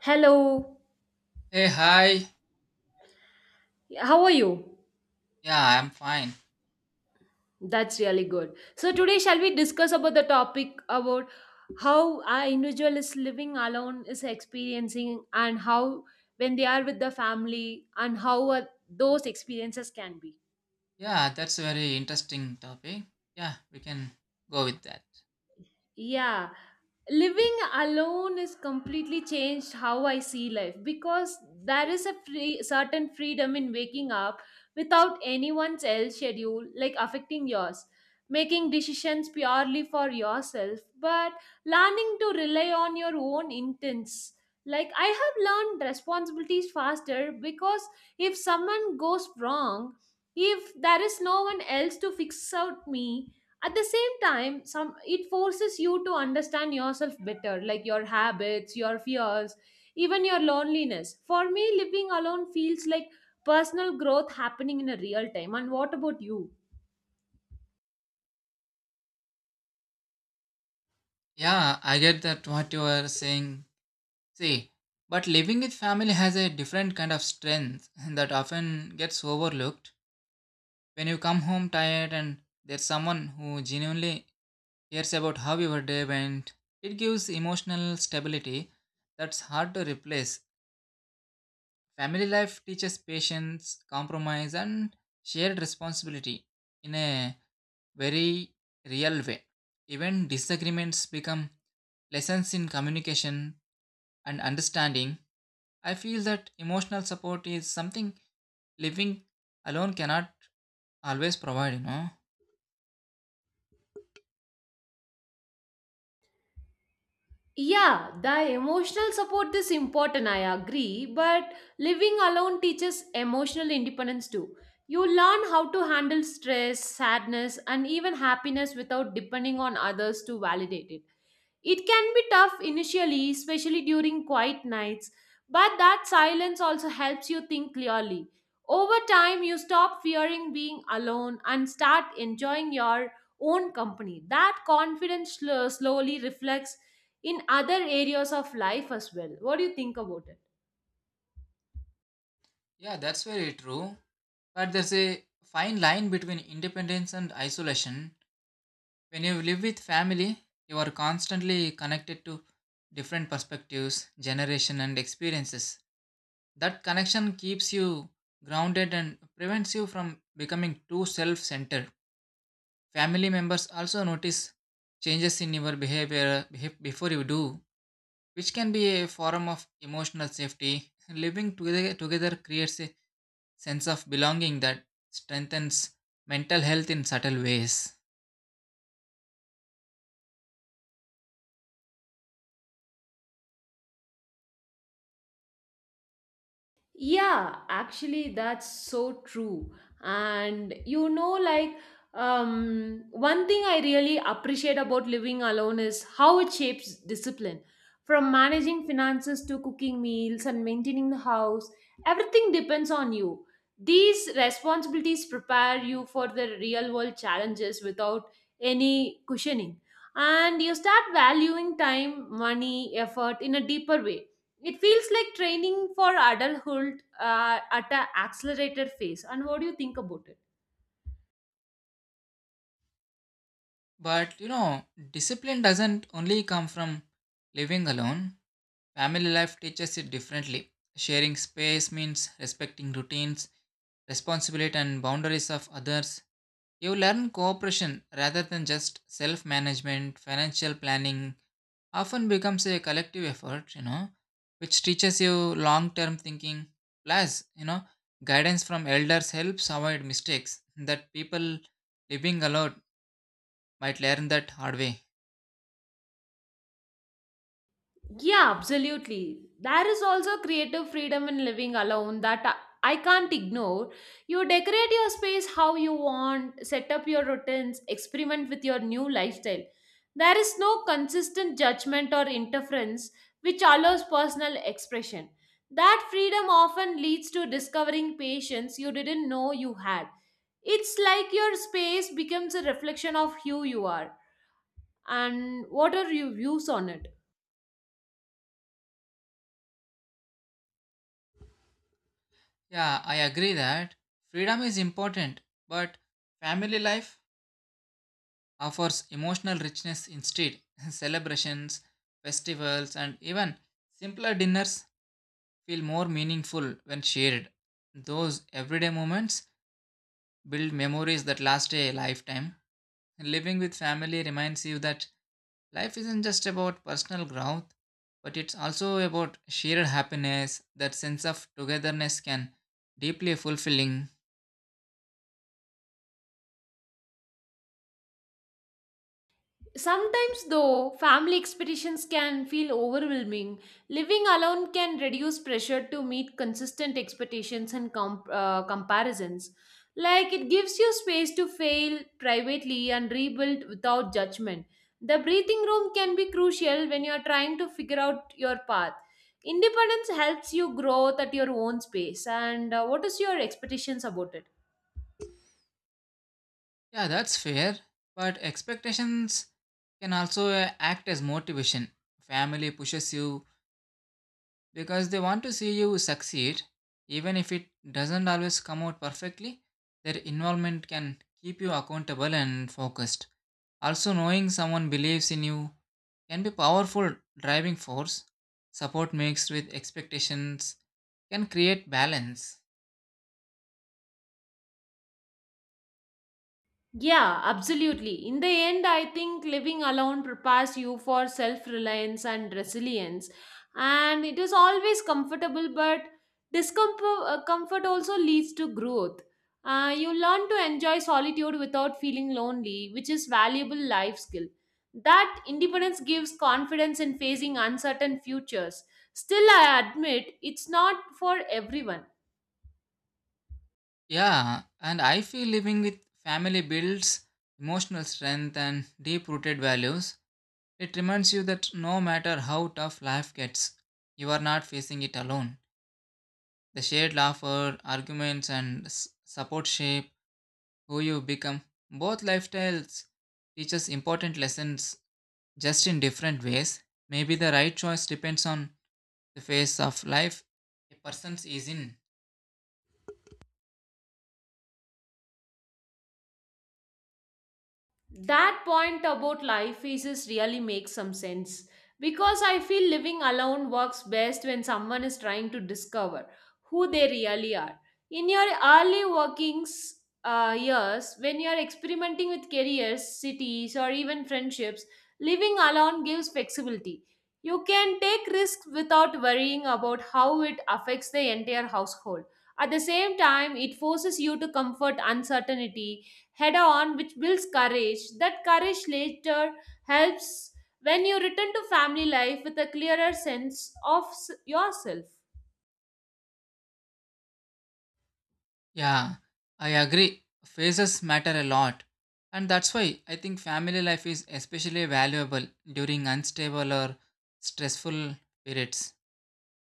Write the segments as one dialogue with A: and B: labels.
A: Hello,
B: Hey, hi.
A: how are you?
B: Yeah, I'm fine.
A: That's really good. So today shall we discuss about the topic about how our individual is living alone is experiencing and how when they are with the family and how those experiences can be.
B: Yeah, that's a very interesting topic. Yeah, we can go with that.
A: Yeah, living alone is completely changed how I see life because there is a free, certain freedom in waking up without anyone's else schedule like affecting yours, making decisions purely for yourself, but learning to rely on your own intents. Like I have learned responsibilities faster because if someone goes wrong, if there is no one else to fix out me, at the same time some it forces you to understand yourself better, like your habits, your fears, even your loneliness. For me, living alone feels like personal growth happening in a real time. And what about you?
B: Yeah, I get that what you are saying. See, but living with family has a different kind of strength that often gets overlooked. When you come home tired and there's someone who genuinely cares about how your day went, it gives emotional stability that's hard to replace. Family life teaches patience, compromise, and shared responsibility in a very real way. Even disagreements become lessons in communication and understanding. I feel that emotional support is something living alone cannot always provide.
A: Yeah, the emotional support is important, I agree, but living alone teaches emotional independence too. You learn how to handle stress, sadness, and even happiness without depending on others to validate it. It can be tough initially, especially during quiet nights, but that silence also helps you think clearly. Over time, you stop fearing being alone and start enjoying your own company. That confidence slowly reflects in other areas of life as well. What do you think about it?
B: Yeah, that's very true. But there's a fine line between independence and isolation. When you live with family, you are constantly connected to different perspectives, generation and experiences. That connection keeps you grounded and prevents you from becoming too self centered. Family members also notice changes in your behavior before you do, which can be a form of emotional safety. Living together, together creates a sense of belonging that strengthens mental health in subtle ways.
A: Yeah, actually, that's so true. And you know, like, one thing I really appreciate about living alone is how it shapes discipline. From managing finances to cooking meals and maintaining the house, everything depends on you. These responsibilities prepare you for the real world challenges without any cushioning. And you start valuing time, money, effort in a deeper way. It feels like training for adulthood at an accelerated phase. And what do you think about it?
B: But you know, discipline doesn't only come from living alone. Family life teaches it differently. Sharing space means respecting routines, responsibility, and boundaries of others. You learn cooperation rather than just self management. Financial planning often becomes a collective effort, which teaches you long term thinking. Plus, guidance from elders helps avoid mistakes that people living alone might learn that hard way.
A: Yeah, absolutely. There is also creative freedom in living alone that I can't ignore. You decorate your space how you want, set up your routines, experiment with your new lifestyle. There is no consistent judgment or interference, which allows personal expression. That freedom often leads to discovering patience you didn't know you had. It's like your space becomes a reflection of who you are. And what are your views on it?
B: Yeah, I agree that freedom is important, but family life offers emotional richness instead. Celebrations, festivals, and even simpler dinners feel more meaningful when shared. Those everyday moments build memories that last a lifetime. Living with family reminds you that life isn't just about personal growth, but it's also about shared happiness. That sense of togetherness can deeply fulfilling.
A: Sometimes, though, family expectations can feel overwhelming. Living alone can reduce pressure to meet consistent expectations and comparisons. Like, it gives you space to fail privately and rebuild without judgment. The breathing room can be crucial when you are trying to figure out your path. Independence helps you grow at your own pace. And what is your expectations about it?
B: Yeah, that's fair. But expectations can also act as motivation. Family pushes you because they want to see you succeed. Even if it doesn't always come out perfectly, their involvement can keep you accountable and focused. Also, knowing someone believes in you can be powerful driving force. Support mixed with expectations can create balance.
A: Yeah, absolutely. In the end, I think living alone prepares you for self reliance and resilience. And it is always comfortable, but discomfort comfort also leads to growth. You learn to enjoy solitude without feeling lonely, which is valuable life skill. That independence gives confidence in facing uncertain futures. Still, I admit it's not for everyone.
B: Yeah, and I feel living with family builds emotional strength and deep rooted values. It reminds you that no matter how tough life gets, you are not facing it alone. The shared laughter, arguments, and support shape who you become. Both lifestyles teach us important lessons just in different ways. Maybe the right choice depends on the phase of life a person is in.
A: That point about life phases really makes some sense because I feel living alone works best when someone is trying to discover who they really are. In your early workings years, when you are experimenting with careers, cities, or even friendships, living alone gives flexibility. You can take risks without worrying about how it affects the entire household. At the same time, it forces you to comfort uncertainty head on, which builds courage. That courage later helps when you return to family life with a clearer sense of yourself.
B: Yeah, I agree. Phases matter a lot. And that's why I think family life is especially valuable during unstable or stressful periods.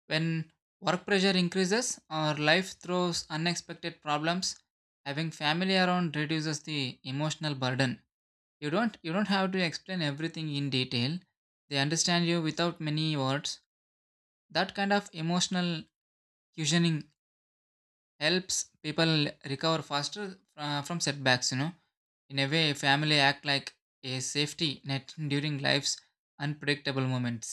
B: When work pressure increases or life throws unexpected problems, having family around reduces the emotional burden. You don't have to explain everything in detail. They understand you without many words. That kind of emotional cushioning helps people recover faster from setbacks in a way family act like a safety net during life's unpredictable moments.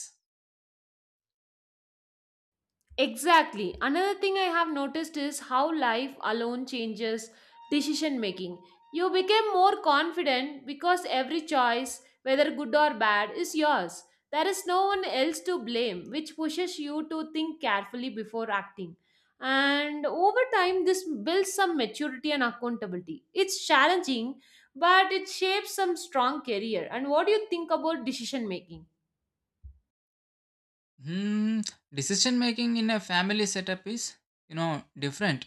A: Exactly. Another thing I have noticed is how life alone changes decision making. You become more confident because every choice, whether good or bad, is yours. There is no one else to blame, which pushes you to think carefully before acting. And over time, this builds some maturity and accountability. It's challenging, but it shapes some strong career. And what do you think about decision making?
B: Hmm, decision making in a family setup is, you know, different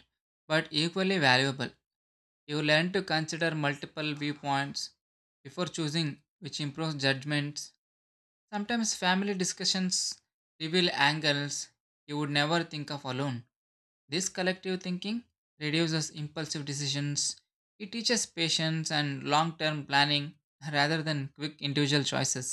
B: but equally valuable. You learn to consider multiple viewpoints before choosing, which improves judgments. Sometimes family discussions reveal angles you would never think of alone. This collective thinking reduces impulsive decisions. It teaches patience and long term planning rather than quick individual choices.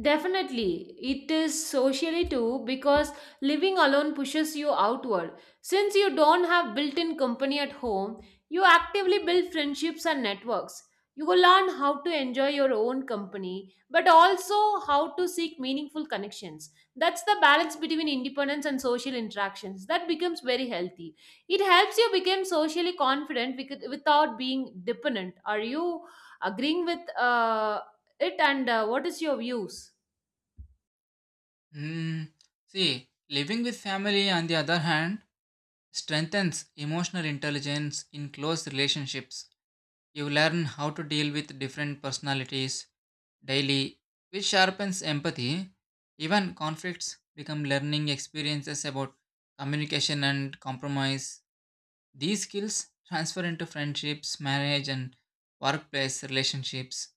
A: Definitely, it is socially too because living alone pushes you outward. Since you don't have built in company at home, you actively build friendships and networks. You will learn how to enjoy your own company, but also how to seek meaningful connections. That's the balance between independence and social interactions. That becomes very healthy. It helps you become socially confident without being dependent. Are you agreeing with it, and what is your views?
B: Hmm. See, living with family, on the other hand, strengthens emotional intelligence in close relationships. You learn how to deal with different personalities daily, which sharpens empathy. Even conflicts become learning experiences about communication and compromise. These skills transfer into friendships, marriage, and workplace relationships.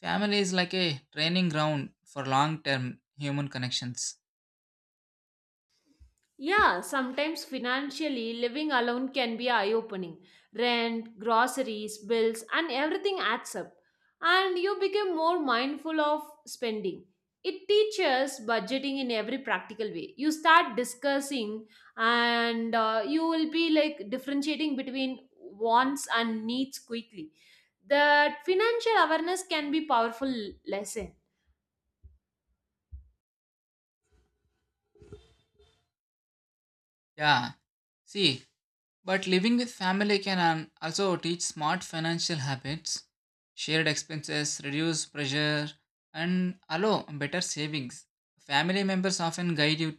B: Family is like a training ground for long term human connections.
A: Yeah, sometimes financially, living alone can be eye opening. Rent, groceries, bills, and everything adds up. And you become more mindful of spending. It teaches budgeting in every practical way. You start discussing, and you will be like differentiating between wants and needs quickly. That financial awareness can be powerful lesson.
B: Yeah, see, but living with family can also teach smart financial habits, shared expenses, reduce pressure, and allow better savings. Family members often guide you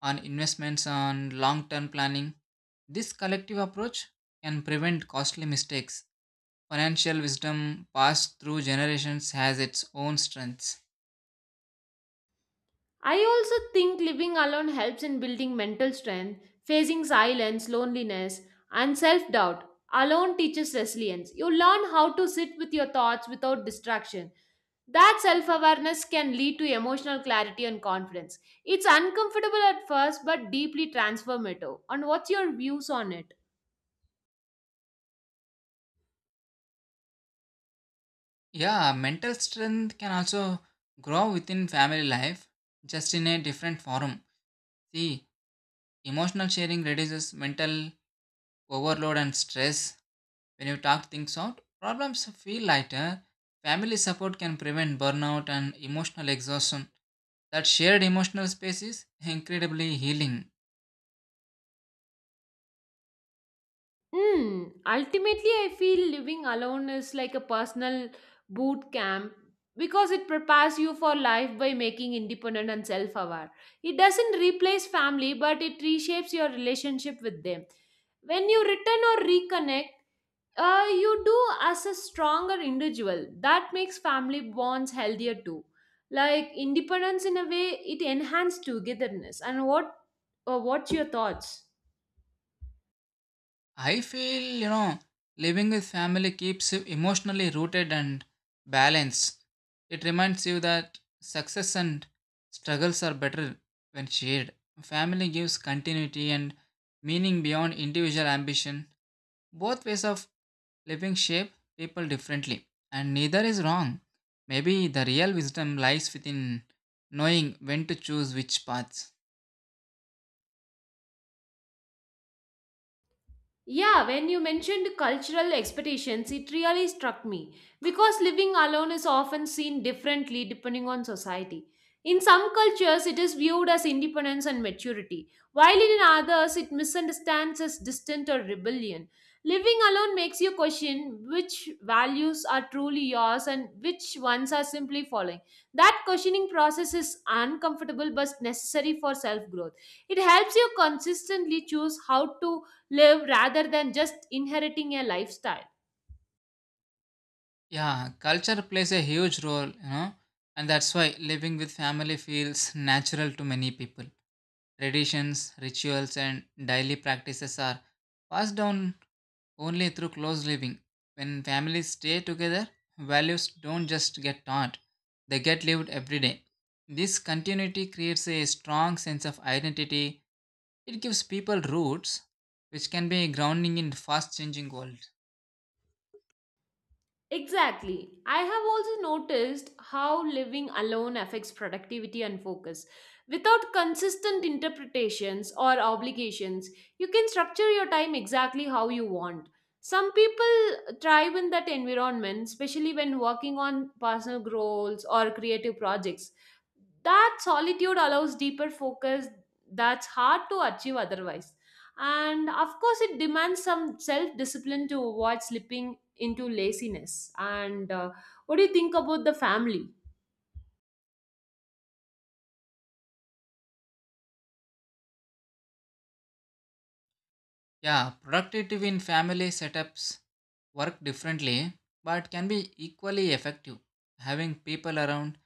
B: on investments on long term planning. This collective approach can prevent costly mistakes. Financial wisdom passed through generations has its own strengths.
A: I also think living alone helps in building mental strength, facing silence, loneliness, and self doubt. Alone teaches resilience. You learn how to sit with your thoughts without distraction. That self awareness can lead to emotional clarity and confidence. It's uncomfortable at first, but deeply transformative. And what's your views on it?
B: Yeah, mental strength can also grow within family life, just in a different form. See, emotional sharing reduces mental overload and stress. When you talk things out, problems feel lighter. Family support can prevent burnout and emotional exhaustion. That shared emotional space is incredibly healing.
A: Ultimately, I feel living alone is like a personal boot camp because it prepares you for life by making independent and self aware. It doesn't replace family, but it reshapes your relationship with them. When you return or reconnect, you do as a stronger individual. That makes family bonds healthier too. Like independence, in a way, it enhances togetherness. And what's your thoughts?
B: I feel, you know, living with family keeps you emotionally rooted and balanced. It reminds you that success and struggles are better when shared. Family gives continuity and meaning beyond individual ambition. Both ways of living shape people differently, and neither is wrong. Maybe the real wisdom lies within knowing when to choose which paths.
A: Yeah, when you mentioned cultural expectations, it really struck me because living alone is often seen differently depending on society. In some cultures, it is viewed as independence and maturity, while in others, it misunderstands as distant or rebellion. Living alone makes you question which values are truly yours and which ones are simply following. That questioning process is uncomfortable but necessary for self growth. It helps you consistently choose how to live rather than just inheriting a lifestyle.
B: Yeah, culture plays a huge role, you know, and that's why living with family feels natural to many people. Traditions, rituals, and daily practices are passed down only through close living. When families stay together, values don't just get taught, they get lived every day. This continuity creates a strong sense of identity. It gives people roots, which can be grounding in fast changing world.
A: Exactly. I have also noticed how living alone affects productivity and focus. Without consistent interpretations or obligations, you can structure your time exactly how you want. Some people thrive in that environment, especially when working on personal goals or creative projects. That solitude allows deeper focus that's hard to achieve otherwise. And of course, it demands some self discipline to avoid slipping into laziness. And what do you think about the family?
B: Yeah, productive in family setups work differently, but can be equally effective. Having people around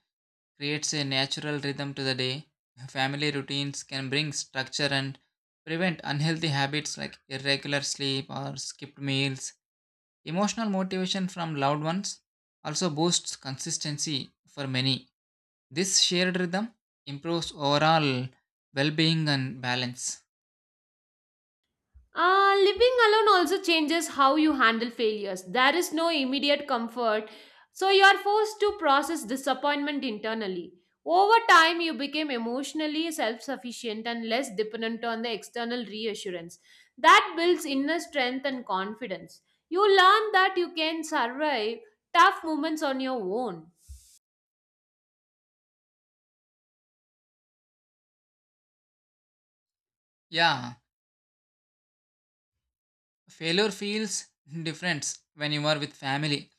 B: creates a natural rhythm to the day. Family routines can bring structure and prevent unhealthy habits like irregular sleep or skipped meals. Emotional motivation from loved ones also boosts consistency for many. This shared rhythm improves overall well being and balance.
A: Living alone also changes how you handle failures. There is no immediate comfort, so you are forced to process disappointment internally. Over time, you became emotionally self sufficient and less dependent on the external reassurance. That builds inner strength and confidence. You learn that you can survive tough moments on your own.
B: Yeah, failure feels different when you are with family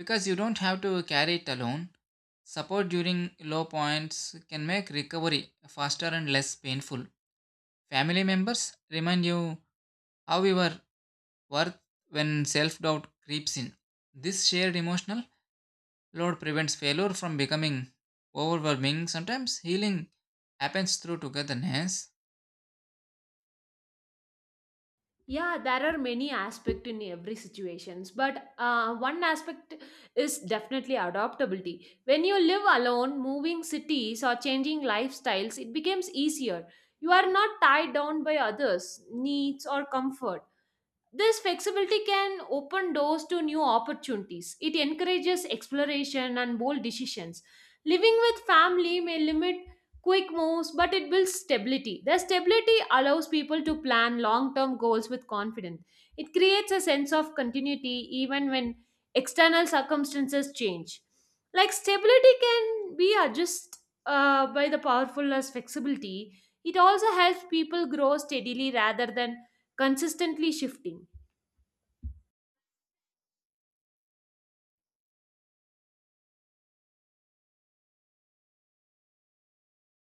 B: because you don't have to carry it alone. Support during low points can make recovery faster and less painful. Family members remind you how you are worth when self-doubt creeps in. This shared emotional load prevents failure from becoming overwhelming. Sometimes healing happens through togetherness.
A: Yeah, there are many aspects in every situations, but one aspect is definitely adaptability. When you live alone, moving cities or changing lifestyles, it becomes easier. You are not tied down by others' needs or comfort. This flexibility can open doors to new opportunities. It encourages exploration and bold decisions. Living with family may limit quick moves, but it builds stability. The stability allows people to plan long term goals with confidence. It creates a sense of continuity even when external circumstances change. Like stability can be adjusted by the powerful as flexibility. It also helps people grow steadily rather than consistently shifting.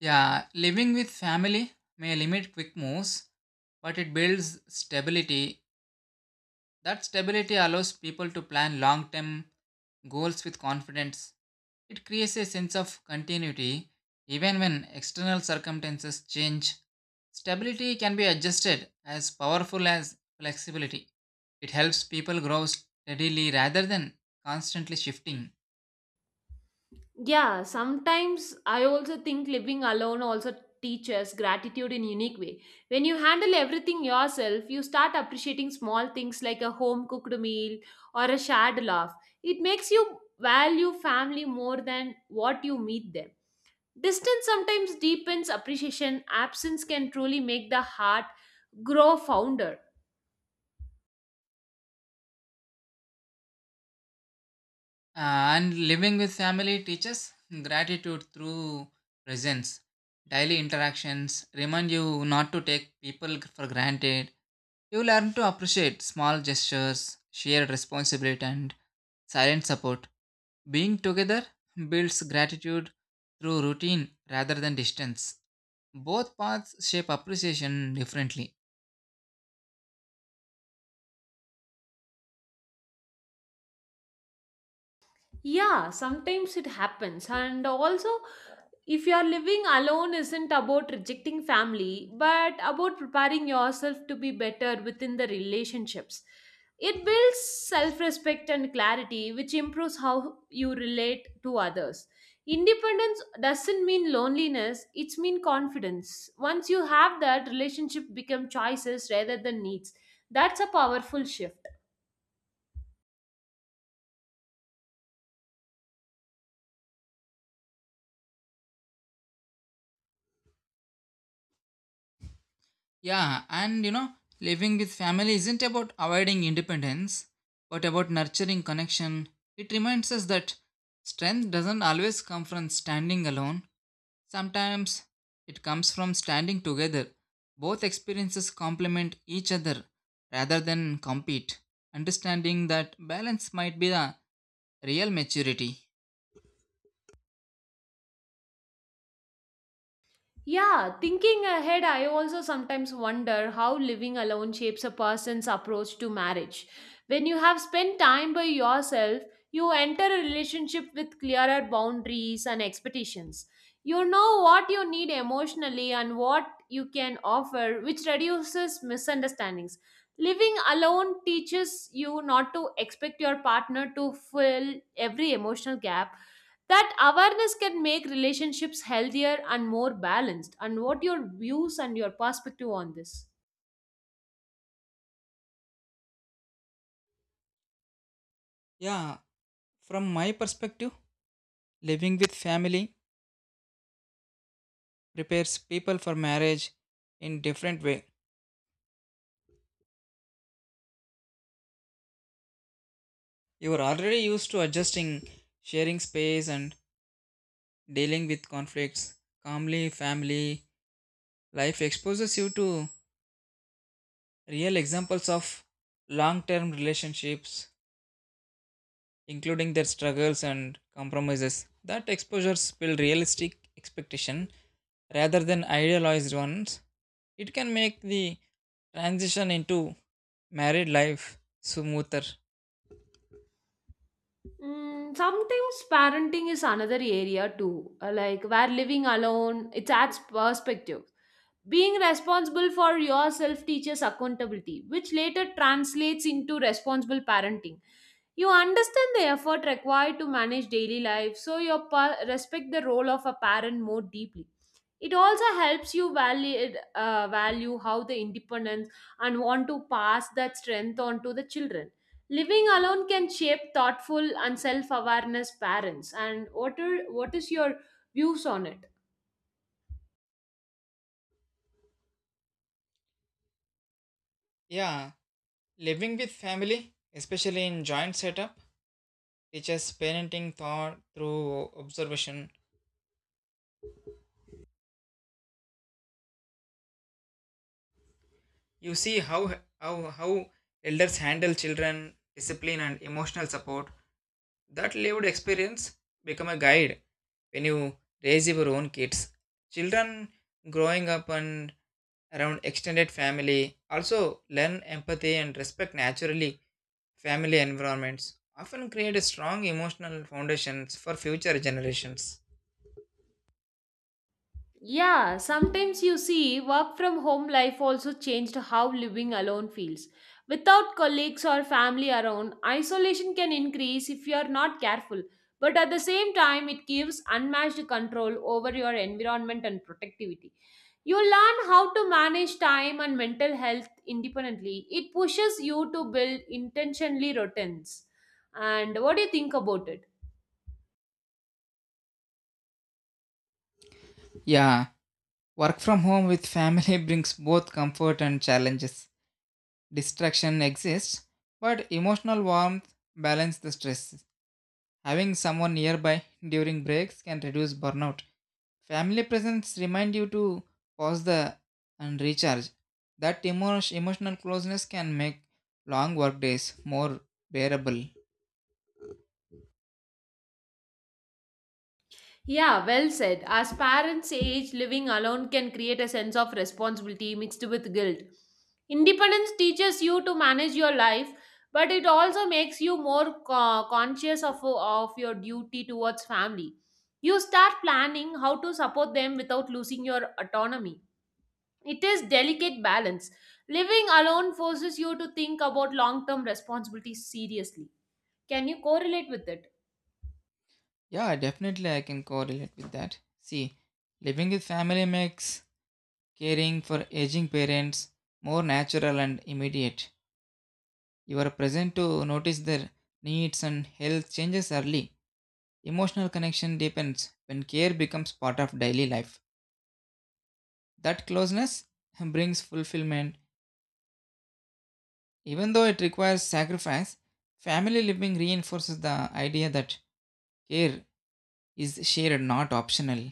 B: Yeah, living with family may limit quick moves, but it builds stability. That stability allows people to plan long term goals with confidence. It creates a sense of continuity even when external circumstances change. Stability can be adjusted as powerful as flexibility. It helps people grow steadily rather than constantly shifting.
A: Yeah, sometimes I also think living alone also teaches gratitude in unique way. When you handle everything yourself, you start appreciating small things like a home cooked meal or a shared laugh. It makes you value family more than what you meet them. Distance sometimes deepens appreciation. Absence can truly make the heart grow founder.
B: And living with family teaches gratitude through presence. Daily interactions remind you not to take people for granted. You learn to appreciate small gestures, shared responsibility, and silent support. Being together builds gratitude through routine rather than distance. Both paths shape appreciation differently.
A: Yeah, sometimes it happens. And also, if you are living alone, isn't about rejecting family, but about preparing yourself to be better within the relationships. It builds self respect and clarity, which improves how you relate to others. Independence doesn't mean loneliness, it's mean confidence. Once you have that, relationship become choices rather than needs. That's a powerful shift.
B: Yeah, and you know, living with family isn't about avoiding independence, but about nurturing connection. It reminds us that strength doesn't always come from standing alone, sometimes it comes from standing together. Both experiences complement each other rather than compete. Understanding that balance might be the real maturity.
A: Yeah, thinking ahead, I also sometimes wonder how living alone shapes a person's approach to marriage. When you have spent time by yourself, you enter a relationship with clearer boundaries and expectations. You know what you need emotionally and what you can offer, which reduces misunderstandings. Living alone teaches you not to expect your partner to fill every emotional gap. That awareness can make relationships healthier and more balanced. And what your views and your perspective on this?
B: Yeah, from my perspective, living with family prepares people for marriage in different way. You are already used to adjusting, sharing space, and dealing with conflicts. Calmly, family life exposes you to real examples of long term relationships, including their struggles and compromises. That exposures build realistic expectation rather than idealized ones. It can make the transition into married life smoother.
A: Sometimes parenting is another area too, like where living alone it adds perspective. Being responsible for yourself teaches accountability, which later translates into responsible parenting. You understand the effort required to manage daily life, so you respect the role of a parent more deeply. It also helps you value how the independence and want to pass that strength on to the children. Living alone can shape thoughtful and self-awareness parents. And what is your views on it?
B: Yeah, living with family, especially in joint setup, teaches parenting thought through observation. You see how elders handle children, discipline, and emotional support. That lived experience become a guide when you raise your own kids. Children growing up and around extended family also learn empathy and respect naturally. Family environments often create a strong emotional foundations for future generations.
A: Yeah, sometimes you see work from home life also changed how living alone feels. Without colleagues or family around, isolation can increase if you are not careful. But at the same time, it gives unmatched control over your environment and productivity. You learn how to manage time and mental health independently. It pushes you to build intentionally routines. And what do you think about it?
B: Yeah, work from home with family brings both comfort and challenges. Distraction exists, but emotional warmth balances the stress. Having someone nearby during breaks can reduce burnout. Family presence remind you to pause the and recharge. That emotional closeness can make long work days more bearable.
A: Yeah, well said. As parents age, living alone can create a sense of responsibility mixed with guilt. Independence teaches you to manage your life, but it also makes you more conscious of your duty towards family. You start planning how to support them without losing your autonomy. It is delicate balance. Living alone forces you to think about long-term responsibilities seriously. Can you correlate with it?
B: Yeah, definitely I can correlate with that. See, living with family makes caring for aging parents more natural and immediate. You are present to notice their needs and health changes early. Emotional connection deepens when care becomes part of daily life. That closeness brings fulfillment. Even though it requires sacrifice, family living reinforces the idea that care is shared, not optional.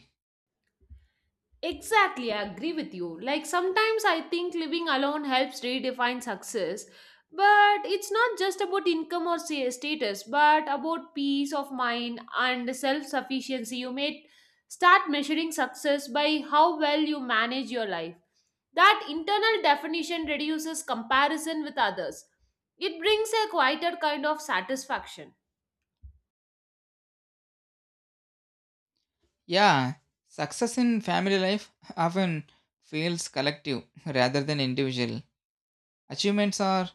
A: Exactly, I agree with you. Like sometimes I think living alone helps redefine success, but it's not just about income or say, status, but about peace of mind and self sufficiency. You may start measuring success by how well you manage your life. That internal definition reduces comparison with others. It brings a quieter kind of satisfaction.
B: Yeah, success in family life often feels collective rather than individual. Achievements are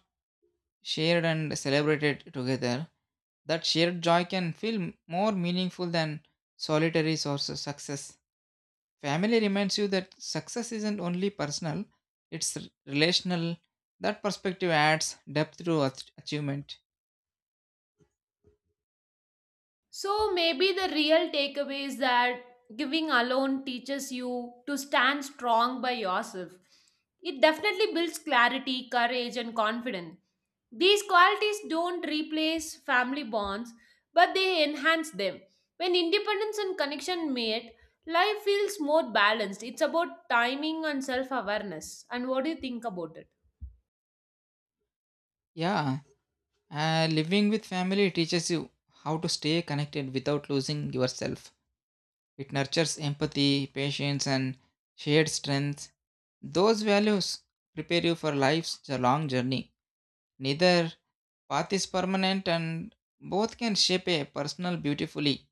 B: shared and celebrated together. That shared joy can feel more meaningful than solitary source of success. Family reminds you that success isn't only personal, it's relational. That perspective adds depth to achievement.
A: So maybe the real takeaway is that giving alone teaches you to stand strong by yourself. It definitely builds clarity, courage, and confidence. These qualities don't replace family bonds, but they enhance them. When independence and connection meet, life feels more balanced. It's about timing and self awareness. And what do you think about it?
B: Yeah, living with family teaches you how to stay connected without losing yourself. It nurtures empathy, patience, and shared strength. Those values prepare you for life's long journey. Neither path is permanent and both can shape a personal beautifully.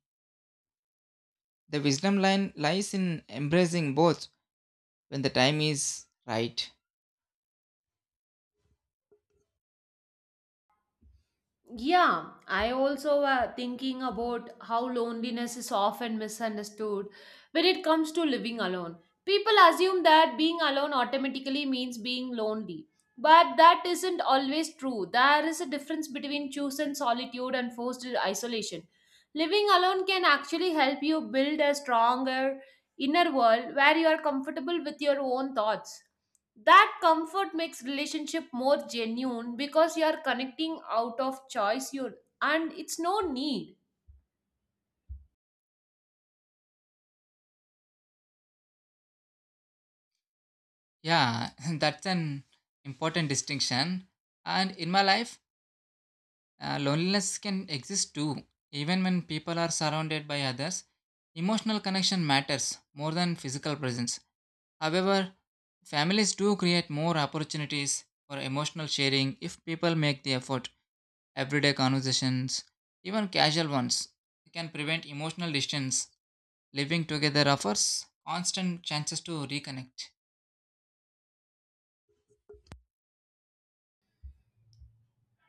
B: The wisdom line lies in embracing both when the time is right.
A: Yeah, I also thinking about how loneliness is often misunderstood when it comes to living alone. People assume that being alone automatically means being lonely, but that isn't always true. There is a difference between chosen solitude and forced isolation. Living alone can actually help you build a stronger inner world where you are comfortable with your own thoughts. That comfort makes relationship more genuine because you are connecting out of choice you, and it's no need.
B: Yeah, that's an important distinction. And in my life, loneliness can exist too. Even when people are surrounded by others, emotional connection matters more than physical presence. However, families do create more opportunities for emotional sharing if people make the effort. Everyday conversations, even casual ones, it can prevent emotional distance. Living together offers constant chances to reconnect.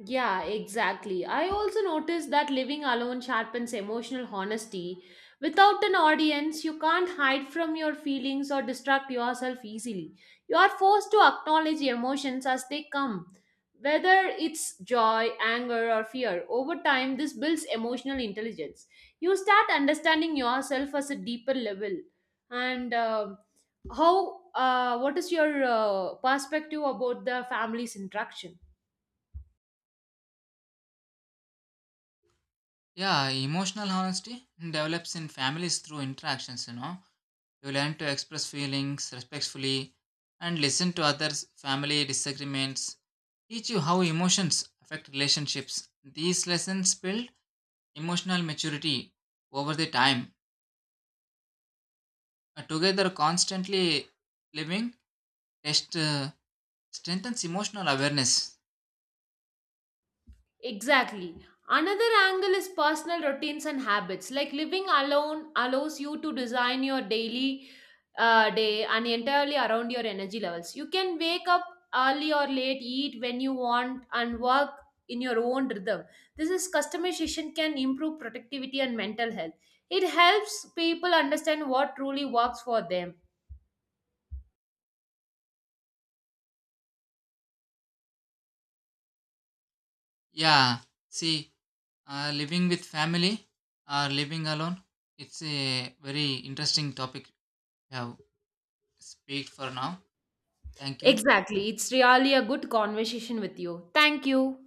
A: Yeah, exactly. I also noticed that living alone sharpens emotional honesty. Without an audience, you can't hide from your feelings or distract yourself easily. You are forced to acknowledge emotions as they come, whether it's joy, anger, or fear. Over time, this builds emotional intelligence. You start understanding yourself as a deeper level. And what is your perspective about the family's interaction?
B: Yeah, emotional honesty develops in families through interactions, you know. You learn to express feelings respectfully and listen to others' family disagreements, teach you how emotions affect relationships. These lessons build emotional maturity over the time. Together, constantly living test strengthens emotional awareness.
A: Exactly. Another angle is personal routines and habits. Like living alone allows you to design your daily day and entirely around your energy levels. You can wake up early or late, eat when you want, and work in your own rhythm. This is customization can improve productivity and mental health. It helps people understand what truly works for them.
B: Yeah, see, living with family or living alone, it's a very interesting topic. We have speak for now. Thank you.
A: Exactly. It's really a good conversation with you. Thank you.